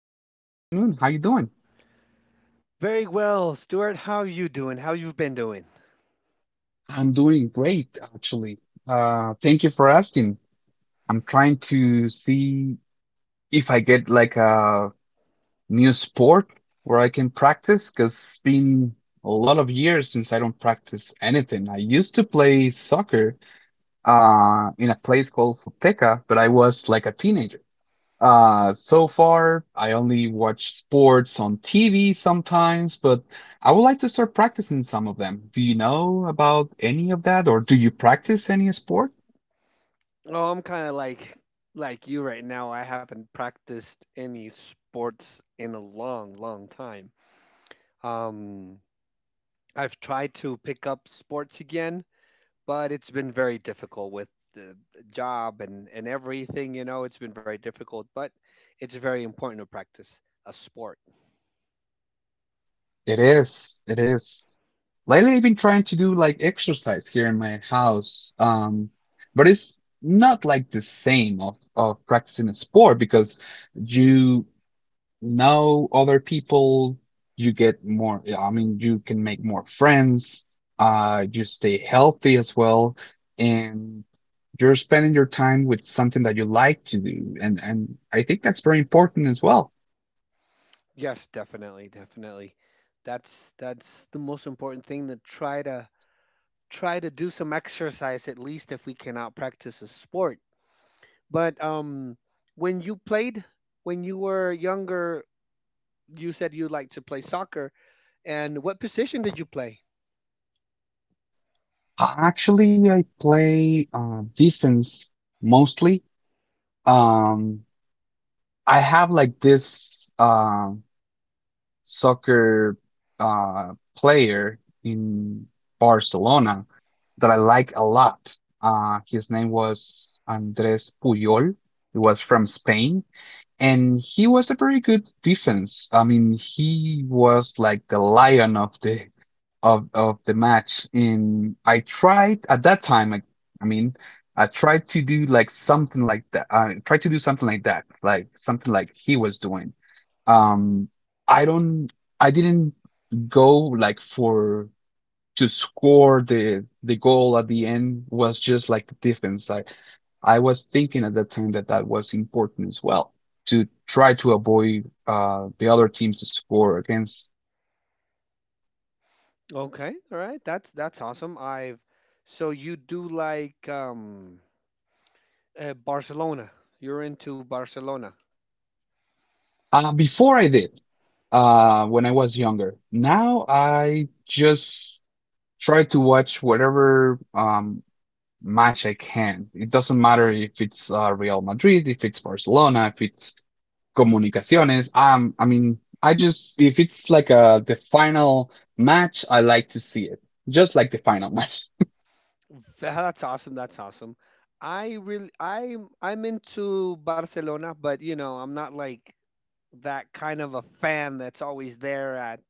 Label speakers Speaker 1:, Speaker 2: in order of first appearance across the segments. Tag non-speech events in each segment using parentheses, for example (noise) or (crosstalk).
Speaker 1: Dave. Good afternoon. How you doing?
Speaker 2: Very well, Stuart. How you doing? How you been doing?
Speaker 1: I'm doing great, actually. Thank you for asking. I'm trying to see if I get like a new sport where I can practice because 'cause it's been a lot of years since I don't practice anything. I used to play soccer in a place called Futeca, but I was like a teenager. So far, I only watch sports on TV sometimes, but I would like to start practicing some of them. Do you know about any of that, or do you practice any sport?
Speaker 2: Oh, I'm kind of like you right now. I haven't practiced any sports in a long, long time. Um, I've tried to pick up sports again, but it's been very difficult with the job and everything, it's been very difficult, but it's very important to practice a sport.
Speaker 1: It is. Lately, I've been trying to do like exercise here in my house, but it's not like the same of practicing a sport because you know other people, you get more, yeah, I mean, you can make more friends, you stay healthy as well, and you're spending your time with something that you like to do. and I think that's very important as well.
Speaker 2: Yes, definitely, definitely. That's the most important thing, to try to do some exercise at least if we cannot practice a sport. But when you played, when you were younger, you said you liked to play soccer. And what position did you play?
Speaker 1: Actually, I play defense mostly. Um, I have like this. Uh, soccer uh, player in Barcelona that I like a lot. His name was Andres Puyol. He was from Spain, and he was a very good defense. I mean, he was like the lion of the of the match. And I tried at that time. I mean, I tried to do like something like that. I tried to do something like that, like something like he was doing um, I don't, I didn't go like for to score the goal at the end was just like the defense. I was thinking at that time that was important as well to try to avoid the other teams to score against.
Speaker 2: Okay, all right, that's awesome. I've So you do like Barcelona. You're into Barcelona.
Speaker 1: Before I did, when I was younger. Now I just try to watch whatever match I can. It doesn't matter if it's Real Madrid, if it's Barcelona, if it's comunicaciones. I mean, I just if it's like a the final match, I like to see it just like the final (laughs) match.
Speaker 2: That's awesome. That's awesome. I'm into Barcelona, but you know, I'm not like that kind of a fan that's always there at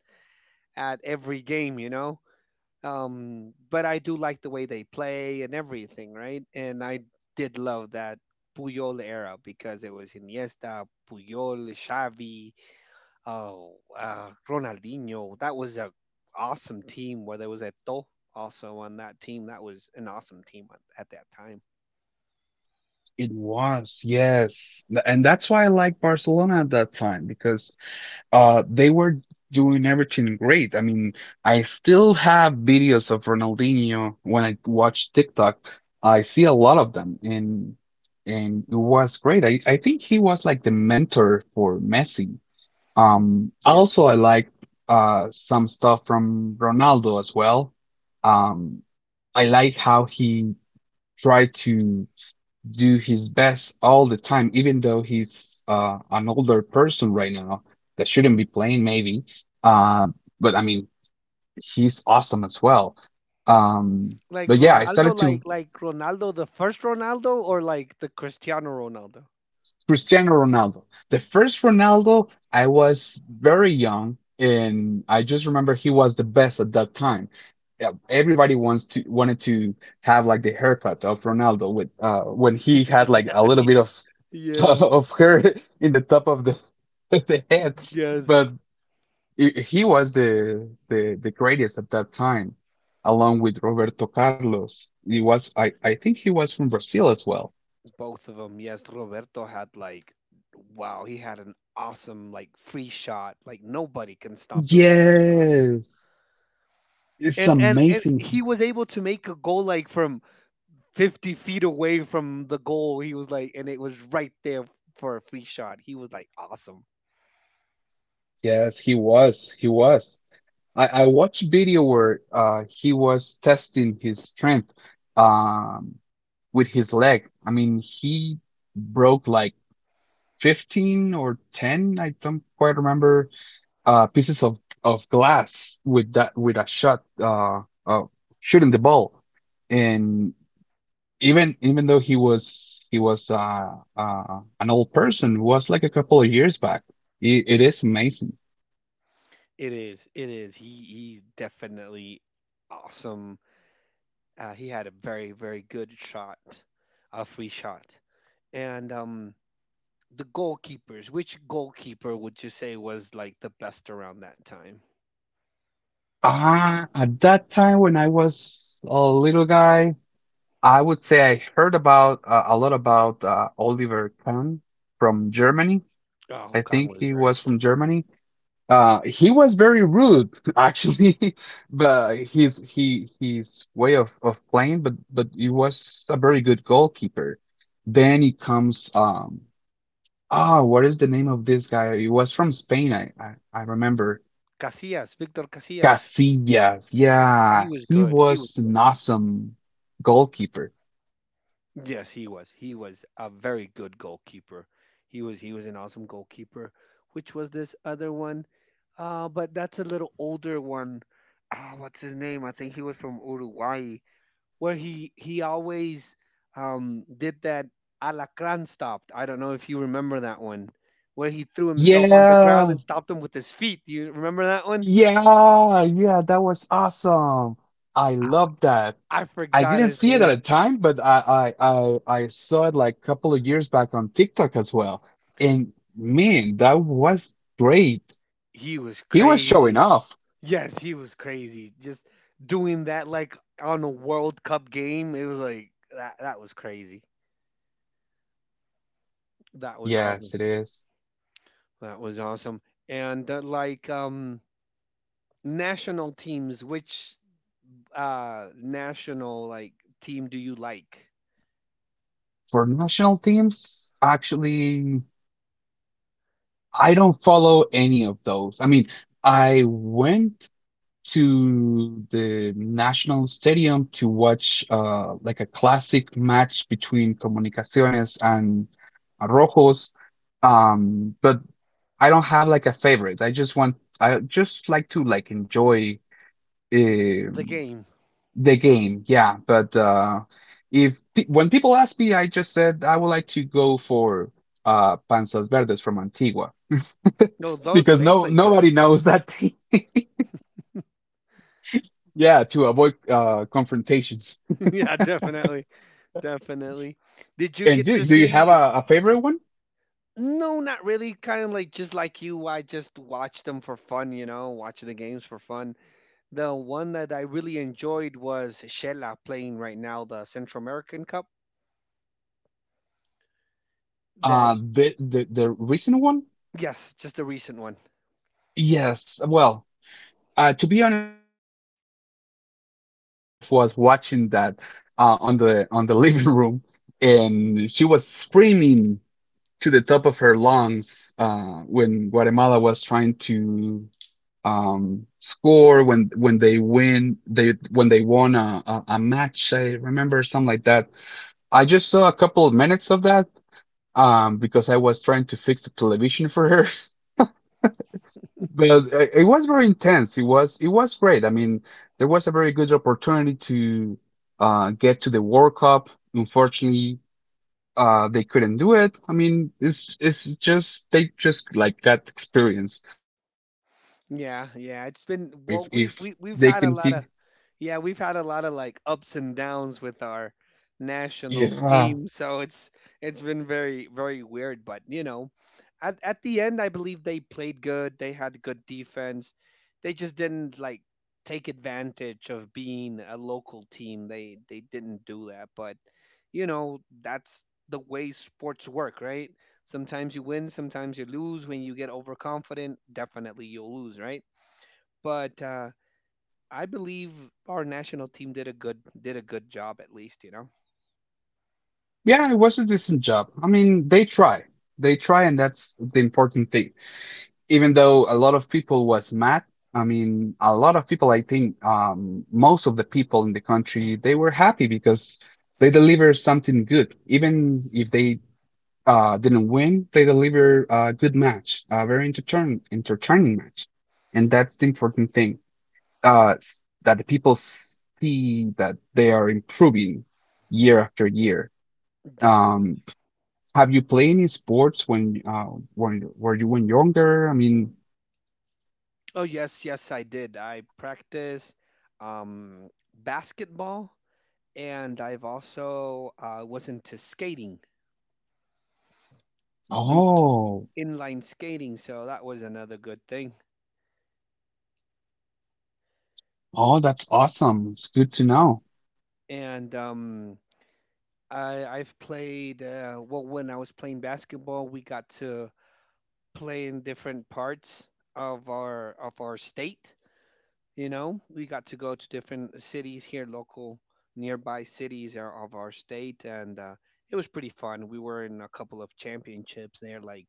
Speaker 2: at every game. But I do like the way they play and everything, right? And I did love that Puyol era because it was Iniesta, Puyol, Xavi, oh, Ronaldinho. That was a awesome team, where there was Eto also on that team. That was an awesome team at that time.
Speaker 1: It was, yes, Th- and that's why I like Barcelona at that time because they were doing everything great. I mean, I still have videos of Ronaldinho when I watch TikTok. I see a lot of them, and it was great. I think he was like the mentor for Messi.
Speaker 2: Yes,
Speaker 1: Also,
Speaker 2: he
Speaker 1: I like
Speaker 2: was.
Speaker 1: some stuff from Ronaldo as well. Um, I like how he tried to do his best all the time, even though he's an older person right now that shouldn't be playing, maybe. Uh, but I mean, he's awesome as well. Um,
Speaker 2: Like
Speaker 1: but yeah, I
Speaker 2: Ronaldo,
Speaker 1: started to
Speaker 2: like Ronaldo, the first Ronaldo, or like the Cristiano Ronaldo.
Speaker 1: Cristiano Ronaldo. The first Ronaldo, I was very young, and I just remember he was the best at that time. Yeah, everybody wants to wanted to have like the haircut of Ronaldo with when he had like a
Speaker 2: (laughs)
Speaker 1: little bit
Speaker 2: Yeah.
Speaker 1: of (laughs)
Speaker 2: Yeah.
Speaker 1: of hair in the top of the (laughs) the head, but
Speaker 2: Yes.
Speaker 1: he was the the greatest at that time, along with Roberto Carlos. He was I think he was from Brazil as well.
Speaker 2: Both of them, yes. Roberto had like, wow, he had an awesome like free shot. Like nobody can stop those free shots.
Speaker 1: Yeah, it's
Speaker 2: And
Speaker 1: amazing.
Speaker 2: he was able to make a goal like from 50 feet away from the goal. He was like, and it was right there for a free shot. He was like awesome.
Speaker 1: Yes, he was. He was. I watched video where he was testing his strength um, with his leg. I mean, he broke like 15 or 10, I don't quite remember, pieces of glass with that with a shot uh, shooting the ball. And even though he was an old person, was like a couple of years back. It is amazing.
Speaker 2: It is. It is. He's definitely awesome. He had a very good shot, a free shot. And the goalkeepers, which goalkeeper would you say was like the best around that time?
Speaker 1: Ah, at that time when I was a little guy, I would say I heard about a lot about Oliver Kahn from Germany.
Speaker 2: Oh,
Speaker 1: I
Speaker 2: Khan
Speaker 1: think
Speaker 2: was
Speaker 1: he
Speaker 2: very
Speaker 1: was
Speaker 2: good.
Speaker 1: from Germany. He was very rude, (laughs) actually, (laughs) but his he his way of playing, but he was a very good goalkeeper. Then he comes what is the name of this guy? He was from Spain, I remember.
Speaker 2: Casillas, Victor Casillas.
Speaker 1: Casillas,
Speaker 2: He
Speaker 1: yeah,
Speaker 2: was
Speaker 1: he
Speaker 2: good. He was
Speaker 1: was an
Speaker 2: good.
Speaker 1: awesome goalkeeper.
Speaker 2: Yes, he was. He was a very good goalkeeper. He was an awesome goalkeeper. Which was this other one? But that's a little older one. Ah, what's his name? I think he was from Uruguay, where he always did that alacran stopped. I don't know if you remember that one, where he threw himself on the ground
Speaker 1: Yeah,
Speaker 2: and stopped him with his feet. Do you remember that one?
Speaker 1: yeah, yeah, that was awesome. I
Speaker 2: I,
Speaker 1: love that.
Speaker 2: I
Speaker 1: I
Speaker 2: forgot
Speaker 1: didn't
Speaker 2: his
Speaker 1: see it at the
Speaker 2: name.
Speaker 1: time, but I saw it like a couple of years back on TikTok as well. And man, that was great.
Speaker 2: He was
Speaker 1: He was showing
Speaker 2: crazy.
Speaker 1: off.
Speaker 2: Yes, he was crazy. Just doing that like on a World Cup game. It was like that. That was crazy. That was
Speaker 1: Yes,
Speaker 2: awesome.
Speaker 1: it is.
Speaker 2: That was awesome. And like national teams, which national like team do you like?
Speaker 1: For national teams, actually, I don't follow any of those. I mean, I went to the National Stadium to watch like a classic match between Comunicaciones and Rojos. But I don't have like a favorite. I just like to enjoy
Speaker 2: The
Speaker 1: um
Speaker 2: game.
Speaker 1: the game. Yeah, but if pe when people ask me, I just said I would like to go for Panzas Verdes from Antigua
Speaker 2: No,
Speaker 1: (laughs)
Speaker 2: though
Speaker 1: because
Speaker 2: they
Speaker 1: no
Speaker 2: play good.
Speaker 1: nobody knows that team. (laughs) Yeah, to avoid confrontations.
Speaker 2: (laughs) Yeah, definitely. Definitely. Did you
Speaker 1: And
Speaker 2: get to
Speaker 1: do you have
Speaker 2: see?
Speaker 1: a favorite one?
Speaker 2: No, not really. Kind of like just like you, I just watched them for fun, you know, watching the games for fun. The one that I really enjoyed was Shella playing right now the Central American Cup. That
Speaker 1: The recent one?
Speaker 2: yes, just the recent one.
Speaker 1: Yes. Well, to be honest, I was playing video games at the time, but my wife was watching that on the (laughs) living room, and she was screaming to the top of her lungs when Guatemala was trying to score when they win they when they won a match. I remember something like that. I just saw a couple of minutes of that because I was trying to fix the television for her. (laughs) But it was very intense. It was great. I mean, there was a very good opportunity to get to the World Cup. Unfortunately, they couldn't do it. I mean, it's just they just like got experience.
Speaker 2: Yeah,
Speaker 1: And
Speaker 2: yeah.
Speaker 1: I'm
Speaker 2: It's
Speaker 1: pretty
Speaker 2: been
Speaker 1: sure if
Speaker 2: well. We've we, we've
Speaker 1: they
Speaker 2: had a lot
Speaker 1: continue
Speaker 2: of. Yeah, we've had a lot of like ups and downs with our
Speaker 1: yeah.
Speaker 2: national
Speaker 1: Uh,
Speaker 2: team, so it's been very weird, but you know, at the end I believe they played good, they had good defense. They just didn't like take advantage of being a local team. They didn't do that, but you know, that's the way sports work, right? Sometimes you win, sometimes you lose. When you get overconfident, definitely you'll lose, right? But I believe our national team did a good job at least, you know.
Speaker 1: yeah, it was a decent job. I mean, they try. They try and that's the important thing. Even though a lot of people was mad, I mean a lot of people, I think, most of the people in the country, they were happy because they deliver something good. Even if they didn't win, they deliver a good match, a very entertaining match, and that's the important thing. That the people see that they are improving year after year.
Speaker 2: Definitely.
Speaker 1: um have you played any sports when were you when younger, I mean?
Speaker 2: Oh yes, yes I did. I practiced basketball and I've also was into skating, into
Speaker 1: Oh,
Speaker 2: inline skating, so that was another good thing.
Speaker 1: oh, that's awesome. It's good to know.
Speaker 2: And I've played well when I was playing basketball, we got to play in different parts of our state. You know, we got to go to different cities here, local nearby of our state, and it was pretty fun. We were in a couple of championships there, like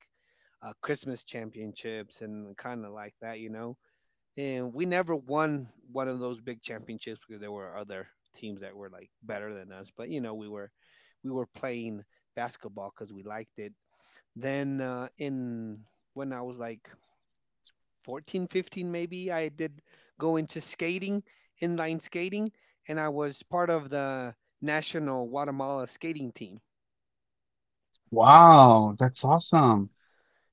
Speaker 2: Christmas championships and kind of like that, you know. And we never won one of those big championships because there were other teams that were like better than us. But you know, we were playing basketball because we liked it. Then in when I was like 14, 15 maybe, I did go into skating, inline skating, and I was part of the national Guatemala skating team.
Speaker 1: Wow, that's awesome.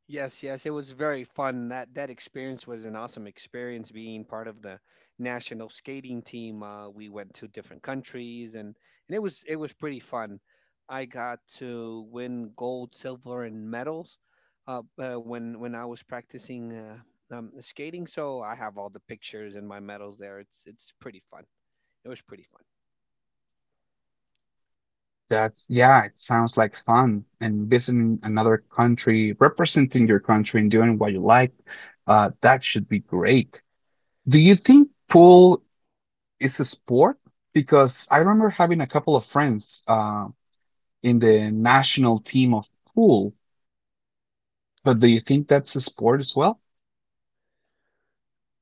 Speaker 2: Yes, yes, it was very fun. That experience was an awesome experience, being part of the national skating team. We went to different countries, and it was pretty fun. I got to win gold, silver, and medals when I was practicing skating. So I have all the pictures and my medals there. It's pretty fun. It was pretty fun.
Speaker 1: That's, yeah, it sounds like fun and visiting another country, representing your country and doing what you like. That should be great. Do you think pool is a sport? Because I remember having a couple of friends in the national team of pool, but do you think that's a sport as well?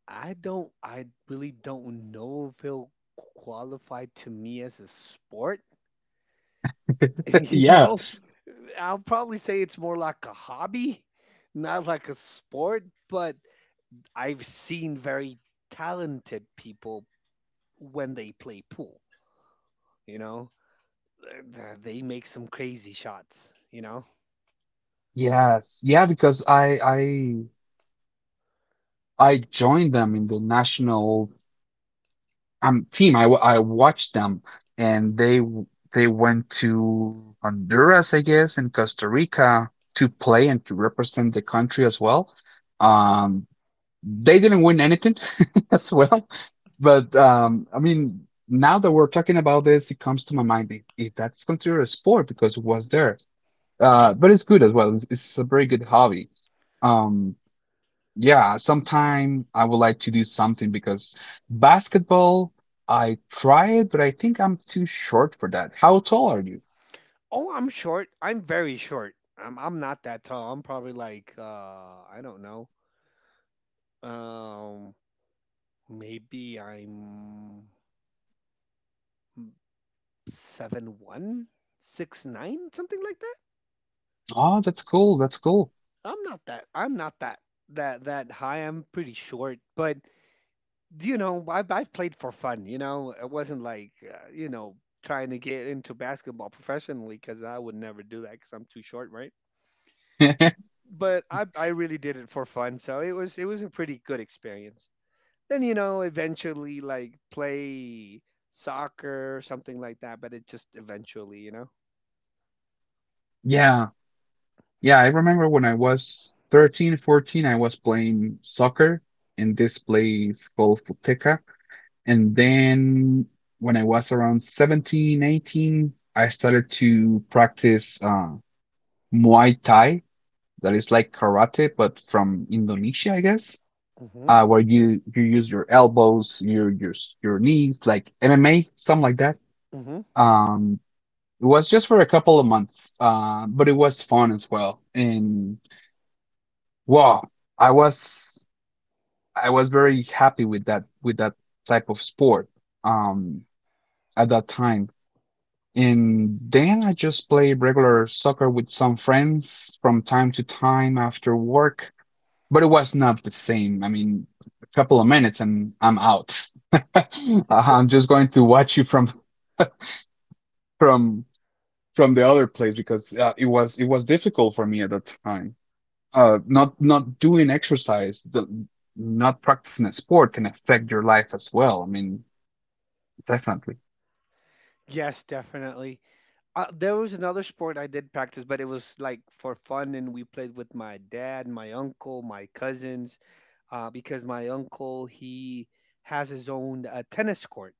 Speaker 2: I don't I really don't know if he'll qualify to me as a sport. (laughs)
Speaker 1: (laughs)
Speaker 2: You
Speaker 1: Yeah.
Speaker 2: know, I'll probably say it's more like a hobby, not like a sport, but I've seen very talented people when they play pool, you know. They make some crazy shots, you know.
Speaker 1: Yes. Yeah, because I joined them in the national team. I watched them and they went to Honduras I guess and Costa Rica to play and to represent the country as well. um they didn't win anything (laughs) as well, but I mean, now that we're talking about this, it comes to my mind if that's considered a sport because it was there, but it's good as well. It's a very good hobby. um yeah, sometime I would like to do something because basketball, I try it, but I think I'm too short for that. How tall are you?
Speaker 2: Oh, I'm short. I'm very short. I'm not that tall. I'm probably like I don't know. Um Maybe I'm 7'1", 6'9" something like that.
Speaker 1: Oh, that's cool. That's cool.
Speaker 2: I'm not that high. I'm pretty short, but you know, I've played for fun. You know, it wasn't like you know, trying to get into basketball professionally, because I would never do that because I'm too short, right?
Speaker 1: (laughs)
Speaker 2: But I really did it for fun, so it was a pretty good experience. Then you know, eventually like play soccer or something like that, but it just eventually, you know.
Speaker 1: Yeah. Yeah, I remember when I was 13, 14, I was playing soccer in this place called Futeca. And then when I was around 17, 18, I started to practice Muay Thai, that is like karate, but from Indonesia, I guess.
Speaker 2: Mhm.
Speaker 1: Where you use your elbows, your knees, like MMA, something like that.
Speaker 2: Mhm.
Speaker 1: Um, it was just for a couple of months, but it was fun as well. And wow, I was I was very happy with that type of sport um, at that time. And then I just play regular soccer with some friends from time to time after work. But it was not the same. I mean, a couple of minutes and I'm out. (laughs) I'm just going to watch you from from the other place because it was difficult for me at that time. Not doing exercise, not practicing a sport can affect your life as well. I mean, definitely.
Speaker 2: Yes, definitely. There was another sport I did practice, but it was like for fun, and we played with my dad, my uncle, my cousins, because my uncle, he has his own tennis court.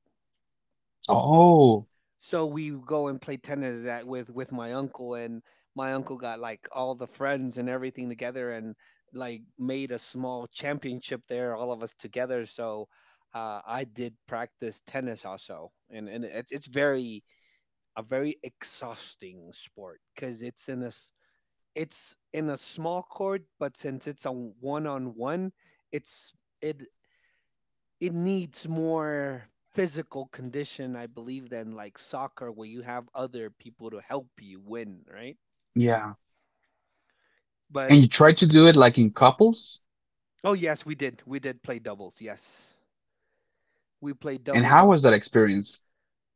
Speaker 1: Oh,
Speaker 2: So we go and play tennis at, with my uncle, and my uncle got like all the friends and everything together, and like made a small championship there, all of us together. So I did practice tennis also, and it's very a very exhausting sport because it's in a small court, but since it's a one on one, it's it it needs more physical condition, I believe, than like soccer where you have other people to help you win, right?
Speaker 1: yeah.
Speaker 2: But
Speaker 1: And you
Speaker 2: it
Speaker 1: try
Speaker 2: it
Speaker 1: to do it like in couples?
Speaker 2: oh yes, we did play doubles. Yes, we played
Speaker 1: And
Speaker 2: doubles
Speaker 1: how was
Speaker 2: also.
Speaker 1: that experience?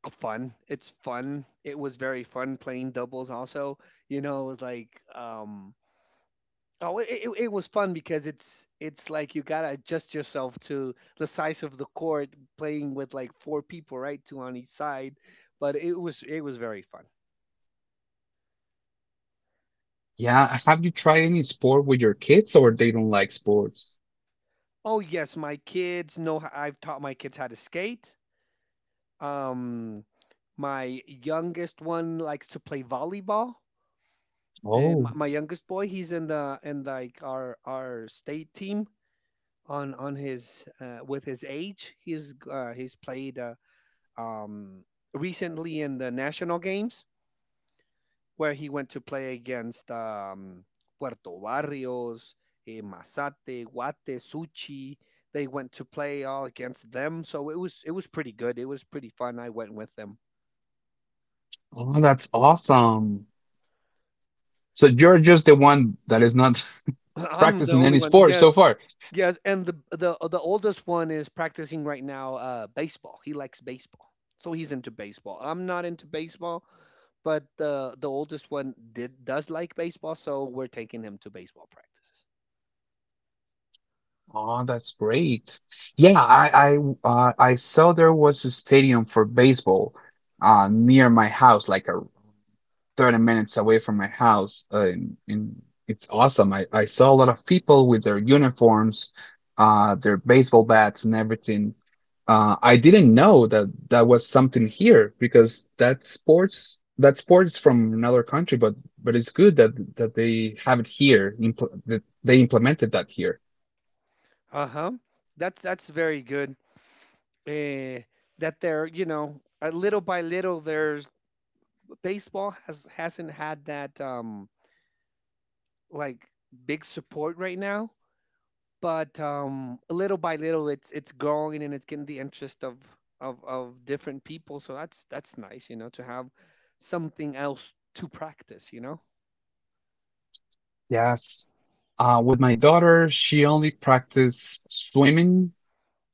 Speaker 2: Fun. It's fun. It was very fun playing doubles. Also, you know, it was like Oh, it was fun because it's like you gotta adjust yourself to the size of the court, playing with like four people, right, two on each side. But it was very fun.
Speaker 1: Yeah. Have you tried any sport with your kids or they don't like sports?
Speaker 2: Oh yes, my kids know how, I've taught my kids how to skate. Um, my youngest one likes to play volleyball, and
Speaker 1: Oh.
Speaker 2: my youngest boy, he's in the in like our state team on his with his age. He's played. Um, Recently in the national games where he went to play against Puerto Barrios, eh, Mazate, Guate, Suchi. They went to play all against them, so it was pretty good. It was pretty fun. I went with them.
Speaker 1: Oh, that's awesome. So you're just the one that is not
Speaker 2: (laughs)
Speaker 1: (laughs)
Speaker 2: I'm the
Speaker 1: practicing
Speaker 2: only
Speaker 1: any
Speaker 2: one.
Speaker 1: sport so
Speaker 2: Yes,
Speaker 1: far.
Speaker 2: yes, and the oldest one is practicing right now baseball. He likes baseball, so he's into baseball. I'm not into baseball, but the oldest one did does like baseball, so we're taking him to baseball practices.
Speaker 1: Oh, that's great. Yeah, I saw there was a stadium for baseball near my house, like a 30 minutes away from my house. And it's awesome. I saw a lot of people with their uniforms, their baseball bats and everything. I didn't know that that was something here because that sport is from another country, but it's good that they have it here, impl that they implemented that here.
Speaker 2: Uh-huh. That's very good. Eh, that they're, you know, little by little there's baseball hasn't had that like big support right now, but little by little it's growing and it's getting the interest of of different people. So that's nice, you know, to have something else to practice, you know?
Speaker 1: Yes. With my daughter, she only practiced swimming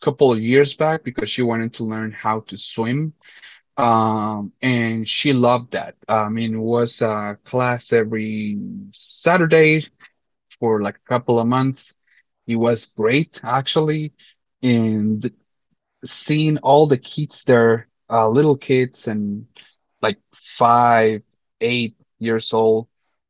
Speaker 1: a couple of years back because she wanted to learn how to swim. And she loved that. I mean, it was a class every Saturday for like a couple of months. It was great, actually. And seeing all the kids there, little kids and like five, 8 years old,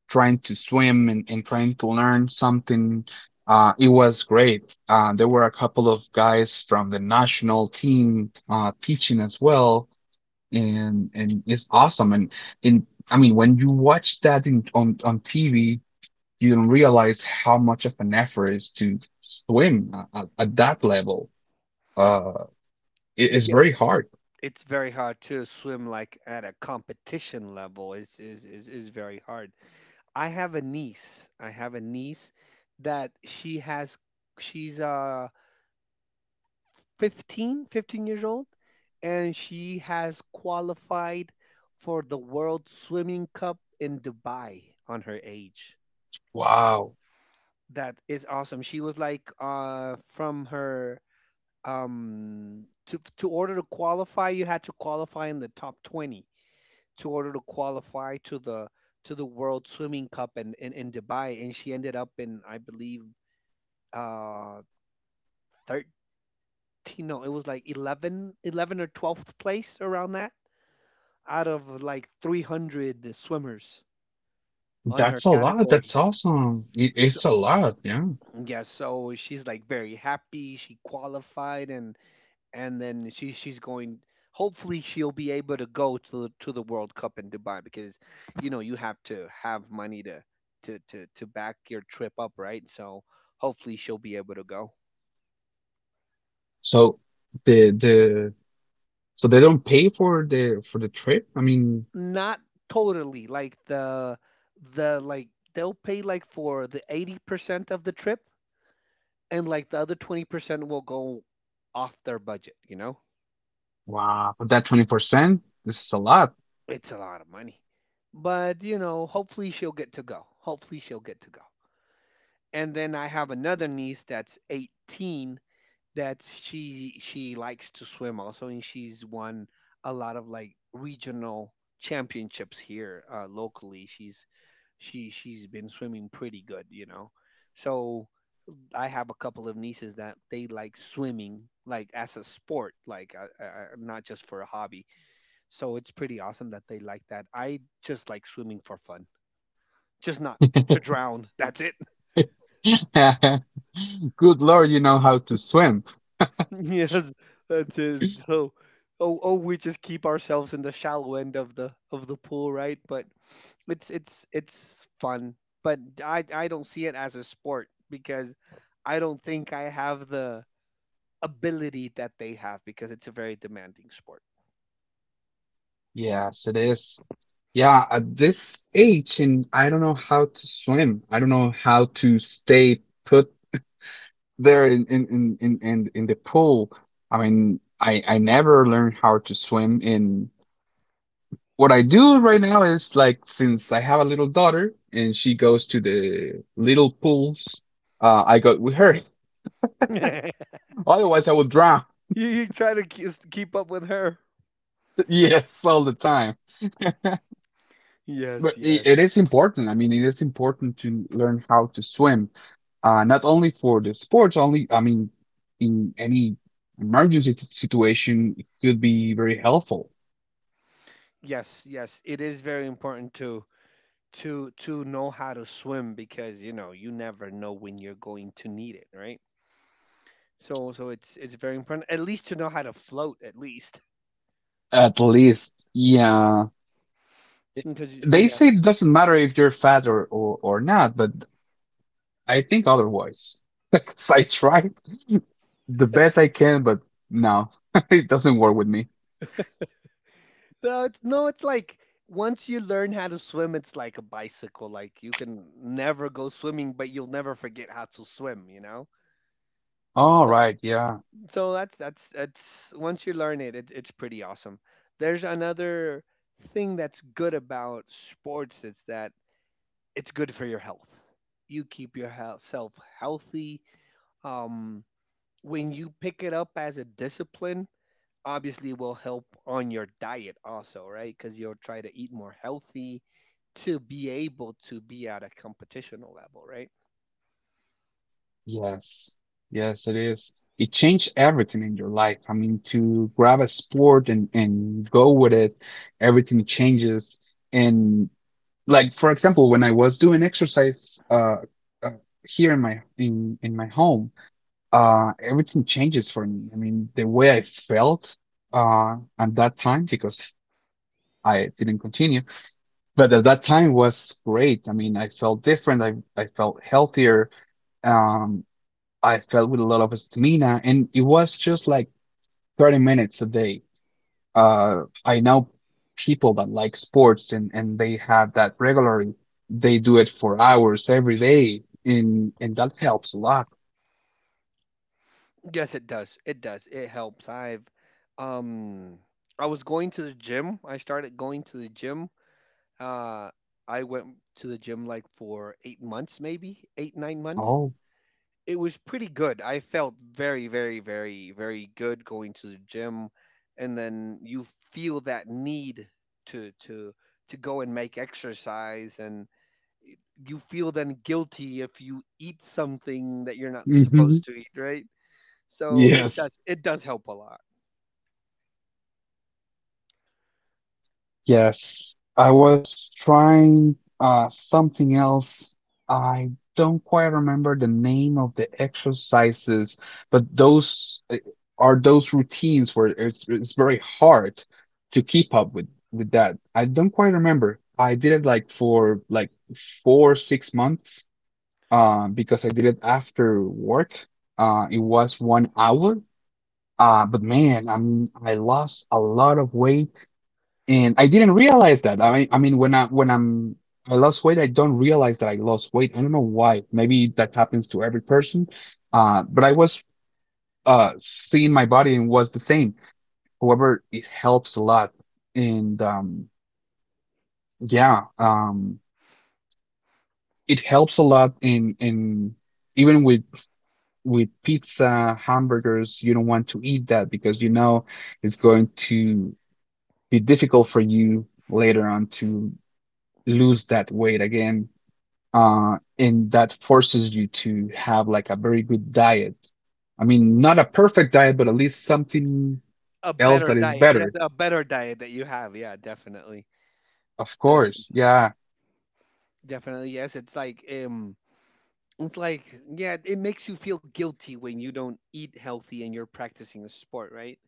Speaker 1: trying to swim and, trying to learn something, it was great. There were a couple of guys from the national team, teaching as well, and it's awesome. And in I mean, when you watch that in on TV, you don't realize how much of an effort is to swim at, at that level. Uh, it is
Speaker 2: Yeah.
Speaker 1: very hard.
Speaker 2: It's very hard to swim like at a competition level. Is is very hard. I have a niece. I have a niece that she's 15, 15 years old and she has qualified for the World Swimming Cup in Dubai on her age.
Speaker 1: Wow,
Speaker 2: That is awesome. She was like, from her, to order to qualify, you had to qualify in the top 20 to order to qualify to the World Swimming Cup in Dubai, and she ended up in, I believe, uh 13, no, it was like eleven or 12th place, around that, out of like 300 swimmers on her
Speaker 1: that's a lot.
Speaker 2: category.
Speaker 1: That's awesome. it,
Speaker 2: So
Speaker 1: it's a lot. Yeah.
Speaker 2: yeah, so she's like very happy she qualified, and then she's going, hopefully she'll be able to go to the World Cup in Dubai, because you know you have to have money to back your trip up, right? So hopefully she'll be able to go.
Speaker 1: So the so they don't pay for the trip, I mean.
Speaker 2: Not totally. Like the like they'll pay like for the 80% of the trip, and like the other 20% will go off their budget, you know?
Speaker 1: Wow. But that 20%, this is a lot.
Speaker 2: It's a lot of money. But, hopefully she'll get to go. Hopefully she'll get to go. And then I have another niece that's 18, that she likes to swim also, and she's won a lot of like regional championships here, locally. She's been swimming pretty good, so I have a couple of nieces that they like swimming, like as a sport, like, not just for a hobby. So it's pretty awesome that they like that. I just like swimming for fun, just not to drown. That's it.
Speaker 1: (laughs) Good Lord, you know how to swim.
Speaker 2: (laughs) Yes, that's it. So, oh, oh, we just keep ourselves in the shallow end of the pool, right? But it's fun. But I don't see it as a sport because I don't think I have the ability that they have because it's a very demanding sport.
Speaker 1: Yes, it is. Yeah, at this age, and I don't know how to swim. I don't know how to stay put there in the pool. I mean, I never learned how to swim. And what I do right now is, like, since I have a little daughter and she goes to the little pools, I go with her. (laughs)
Speaker 2: (laughs) you,
Speaker 1: Otherwise, I would drown.
Speaker 2: you try to keep up with her.
Speaker 1: (laughs) Yes, all the time. But
Speaker 2: Yes,
Speaker 1: it
Speaker 2: yes,
Speaker 1: is important. I mean, it is important to learn how to swim, not only for the sports only, I mean, in any emergency situation, it could be very helpful.
Speaker 2: yes, yes. It is very important to know how to swim because you know you never know when you're going to need it, right? So it's very important at least to know how to float at least.
Speaker 1: At least, yeah.
Speaker 2: (laughs) Because you
Speaker 1: They say it
Speaker 2: never.
Speaker 1: doesn't matter if you're fat or not, but I think otherwise. (laughs) 'Cause I tried (laughs) the best I can, but no, (laughs) it doesn't work with me.
Speaker 2: No, it's like once you learn how to swim, it's like a bicycle. Like you can never go swimming, but you'll never forget how to swim, you know.
Speaker 1: All
Speaker 2: So
Speaker 1: right, yeah.
Speaker 2: so that's, once you learn it, it's pretty awesome. There's another thing that's good about sports. It's that it's good for your health. You keep yourself healthy. Um, when you pick it up as a discipline, obviously, will help on your diet also, right? Because you'll try to eat more healthy to be able to be at a competitional level, right?
Speaker 1: Yes, yes, it is. It changed everything in your life. I mean, to grab a sport and go with it, everything changes. And like, for example, when I was doing exercise, uh here in my in my home, everything changes for me. I mean, the way I felt at that time, because I didn't continue, but at that time was great. I mean, I felt different. I felt healthier. Um, I felt with a lot of stamina, and it was just like 30 minutes a day. I know people that like sports, and, they have that regularly. They do it for hours every day, and that helps a lot.
Speaker 2: Yes, it does. It does. It helps. Um I was going to the gym. I started going to the gym. Uh I went to the gym like for 8 months maybe, 8 9 months.
Speaker 1: Oh,
Speaker 2: It was pretty good. I felt very, very, very, very good going to the gym, and then you feel that need to to to go and make exercise, and you feel then guilty if you eat something that you're not supposed
Speaker 1: hmm.
Speaker 2: to eat, right? So it
Speaker 1: Yes.
Speaker 2: does it does help a lot.
Speaker 1: Yes, I was trying something else. I don't quite remember the name of the exercises, but those are those routines where it's very hard to keep up with that. I don't quite remember. I did it like for like four, 6 months, because I did it after work. It was 1 hour. But man, I mean, I lost a lot of weight and I didn't realize that. I mean, when I'm I lost weight, I don't realize that I lost weight. I don't know why. Maybe that happens to every person. But I was seeing my body and was the same. However, it helps a lot, and yeah, it helps a lot in even with pizza, hamburgers. You don't want to eat that because you know it's going to be difficult for you later on to lose that weight again, and that forces you to have like a very good diet. I mean, not a perfect diet, but at least something
Speaker 2: A
Speaker 1: else
Speaker 2: better
Speaker 1: that is
Speaker 2: diet, yes,
Speaker 1: better.
Speaker 2: a better diet that you have, yeah, definitely.
Speaker 1: Of
Speaker 2: Def-
Speaker 1: course. Yeah.
Speaker 2: definitely, yes. It's like, it's like, yeah, it makes you feel guilty when you don't eat healthy and you're practicing a sport, right?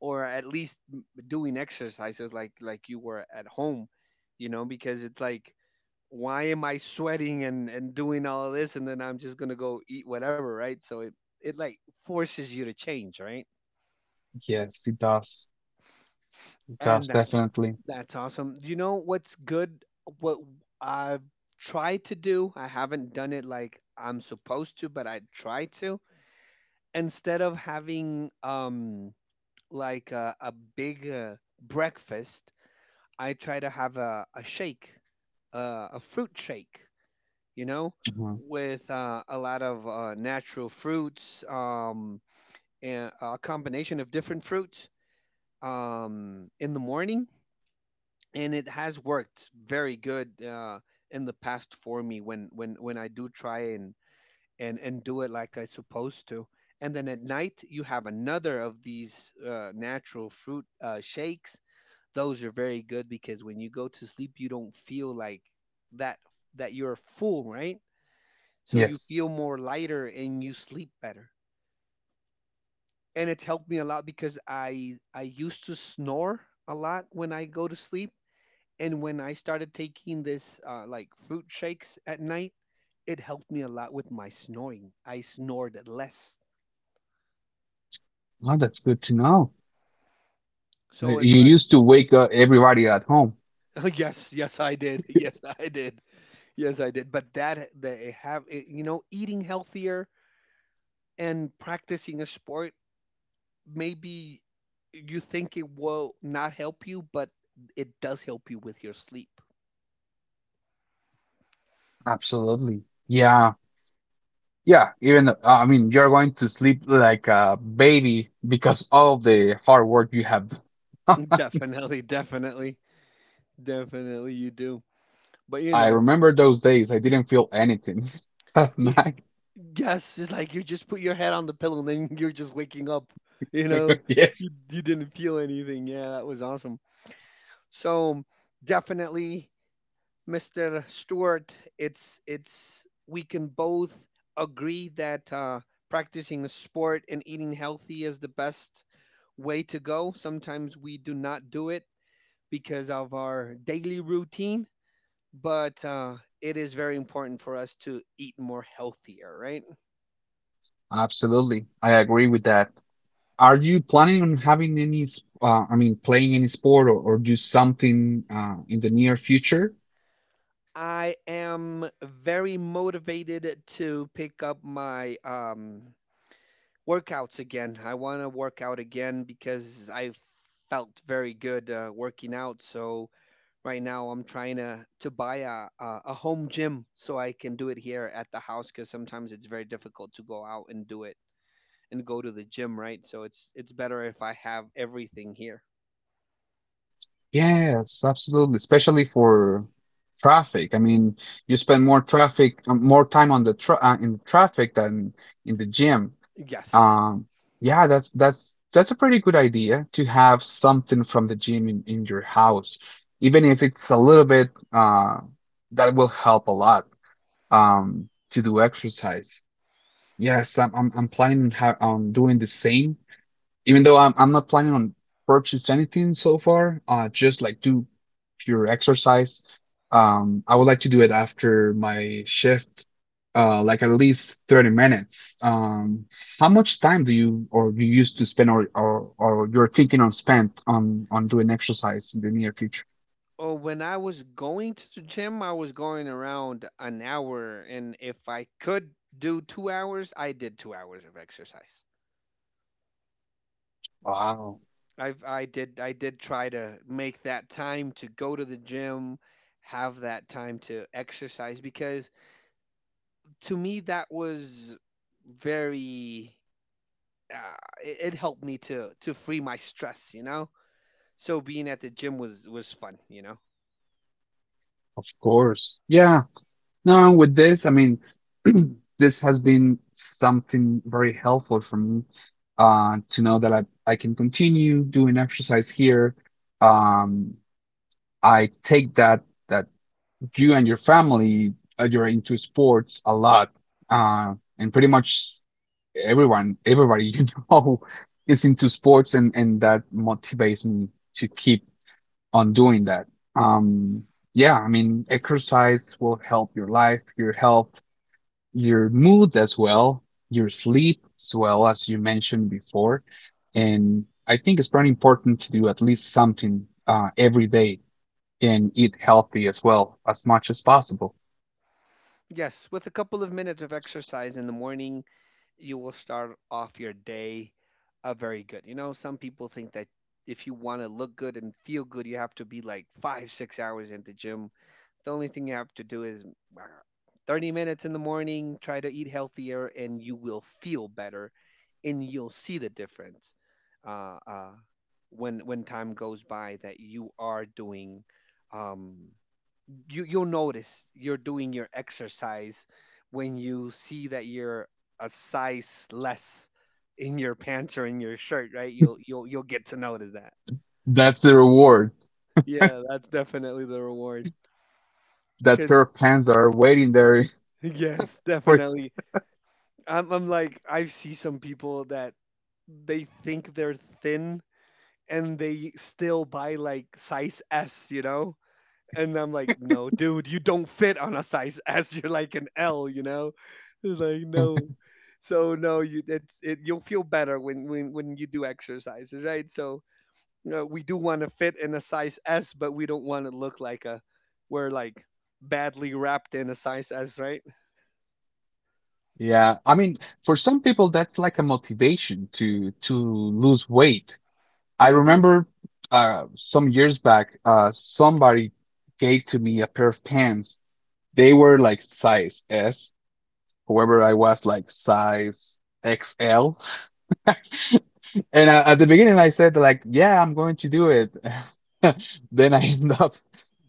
Speaker 2: Or at least, doing exercises, like you were at home, you know, because it's like, why am I sweating and doing all of this and then I'm just gonna go eat whatever, right? So it like forces you to change, right?
Speaker 1: Yes, it does. It
Speaker 2: And
Speaker 1: does
Speaker 2: that
Speaker 1: definitely.
Speaker 2: that's awesome. You know what's good? What I've tried to do, I haven't done it like I'm supposed to, but I try to, instead of having, like a big, breakfast, I try to have a shake, uh, a fruit shake you know
Speaker 1: Mhm.
Speaker 2: with uh, a lot of, natural fruits, and a combination of different fruits, in the morning, and it has worked very good in the past for me when I do try and do it like it's supposed to. And then at night, you have another of these, natural fruit, shakes. Those are very good because when you go to sleep, you don't feel like that that you're full, right? So you
Speaker 1: Yes.
Speaker 2: feel more lighter and you sleep better. And it's helped me a lot because I used to snore a lot when I go to sleep, and when I started taking this, like fruit shakes at night, it helped me a lot with my snoring. I snored less.
Speaker 1: Oh, that's good to know.
Speaker 2: So it's
Speaker 1: You
Speaker 2: like
Speaker 1: used to wake up everybody at home.
Speaker 2: (laughs) Oh, yes, yes, I did. (laughs) Yes,
Speaker 1: (laughs)
Speaker 2: I did. Yes, I did. But that they have, eating healthier and practicing a sport, maybe you think it will not help you, but it does help you with your sleep.
Speaker 1: Absolutely. Yeah. Yeah, even I mean, you're going to sleep like a baby because all of the hard work you have.
Speaker 2: (laughs) Definitely, definitely, definitely, you do. But
Speaker 1: (laughs)
Speaker 2: you
Speaker 1: I
Speaker 2: know,
Speaker 1: remember those days. I didn't feel anything. (laughs) At
Speaker 2: y-
Speaker 1: night. (laughs)
Speaker 2: yes, it's like you just put your head on the pillow and then you're just waking up. You know,
Speaker 1: Yes,
Speaker 2: you didn't feel anything. Yeah, that was awesome. So definitely, Mr. Stewart, it's we can both agree that, practicing a sport and eating healthy is the best way to go. Sometimes we do not do it because of our daily routine, but, it is very important for us to eat more healthier, right?
Speaker 1: absolutely. I agree with that. Are you planning on having any, I mean, playing any sport, or do something in the near future?
Speaker 2: I am very motivated to pick up my, workouts again. I want to work out again because I felt very good, working out. So right now I'm trying to buy a home gym so I can do it here at the house because sometimes it's very difficult to go out and do it and go to the gym, right? So it's better if I have everything here.
Speaker 1: Yes, absolutely. Especially for traffic. I mean, you spend more traffic, more time on the tra in the traffic than in the gym.
Speaker 2: Yes.
Speaker 1: Um, yeah, that's a pretty good idea to have something from the gym in your house, even if it's a little bit, that will help a lot, to do exercise. Yes, I'm planning on, ha on doing the same. Even though I'm not planning on purchase anything so far, just like do pure exercise. I would like to do it after my shift, like at least 30 minutes. How much time do you or you used to spend, or you're thinking on spend on doing exercise in the near future?
Speaker 2: Oh, when I was going to the gym, I was going around an hour, and if I could do 2 hours, I did 2 hours of exercise.
Speaker 1: Wow,
Speaker 2: I did try to make that time to go to the gym, have that time to exercise because to me that was very. Uh, it, it helped me to free my stress, you know? So being at the gym was fun, you know.
Speaker 1: of course. Yeah. No, with this, I mean, (clears throat) this has been something very helpful for me, to know that I can continue doing exercise here. Um, I take that that you and your family, you're into sports a lot, and pretty much everyone, everybody (laughs) you know is into sports, and that motivates me to keep on doing that. Um, yeah, I mean, exercise will help your life, your health, your mood as well, your sleep as well, as you mentioned before. And I think it's very important to do at least something, every day, and eat healthy as well, as much as possible.
Speaker 2: Yes, with a couple of minutes of exercise in the morning, you will start off your day, very good. You know, some people think that if you want to look good and feel good, you have to be like 5, 6 hours in the gym. The only thing you have to do is, uh, 30 minutes in the morning, try to eat healthier, and you will feel better and you'll see the difference uh, uh, when time goes by, that you are doing, um, you'll notice you're doing your exercise when you see that you're a size less in your pants or in your shirt, right? You'll get to notice that.
Speaker 1: That's the reward.
Speaker 2: Yeah, that's definitely the reward
Speaker 1: That
Speaker 2: because
Speaker 1: pair of pants are waiting there
Speaker 2: (laughs) yes,
Speaker 1: (laughs) for.
Speaker 2: definitely. I'm like, I see some people that they think they're thin and they still buy like size S, you know? And I'm like, no, dude, you don't fit on a size S. (laughs) You're like an L, you know? It's like, no. So no, you it's it you'll feel better when when you do exercises, right? So we do want to fit in a size S, but we don't want to look like a, we're like badly wrapped in a size S, right?
Speaker 1: Yeah, I mean, for some people, that's like a motivation to lose weight. I
Speaker 2: hmm
Speaker 1: remember, some years back, somebody gave to me a pair of pants. They were like size S, whoever I was, like size XL. And I, at the beginning, I said like, "Yeah, I'm going to do it." (laughs) Then I end up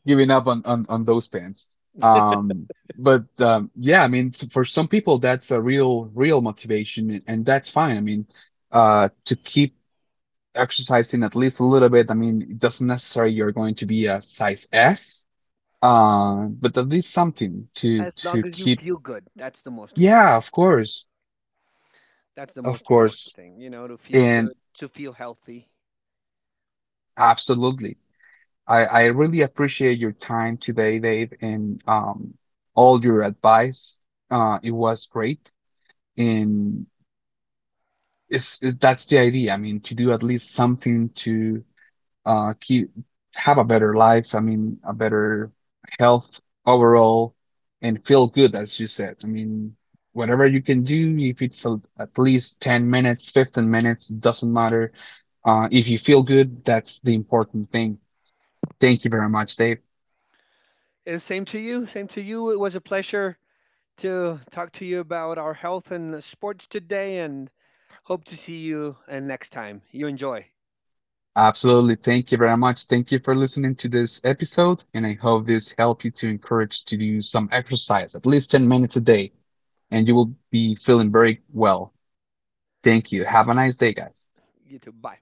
Speaker 1: giving up on those pants. Um, but yeah, I mean, for some people, that's a real real motivation, and that's fine. I mean, to keep exercising at least a little bit. I mean, it doesn't necessarily you're going to be a size S, but at least something to
Speaker 2: As long as you
Speaker 1: keep.
Speaker 2: feel good, that's the most important.
Speaker 1: Yeah, of course,
Speaker 2: That's the
Speaker 1: of
Speaker 2: most important
Speaker 1: course.
Speaker 2: thing, you know, to feel
Speaker 1: And
Speaker 2: good, to feel healthy.
Speaker 1: absolutely. I really appreciate your time today, Dave, and all your advice. It was great. And that's the idea. I mean, to do at least something to keep have a better life. I mean, a better health overall, and feel good, as you said. I mean, whatever you can do, if at least 10 minutes, 15 minutes, doesn't matter. If you feel good, that's the important thing. Thank you very much, Dave.
Speaker 2: And same to you. Same to you. It was a pleasure to talk to you about our health and sports today and hope to see you and next time. You enjoy.
Speaker 1: Absolutely. Thank you very much. Thank you for listening to this episode. And I hope this helped you to encourage to do some exercise, at least 10 minutes a day, and you will be feeling very well. Thank you. Have a nice day, guys.
Speaker 2: You too. Bye.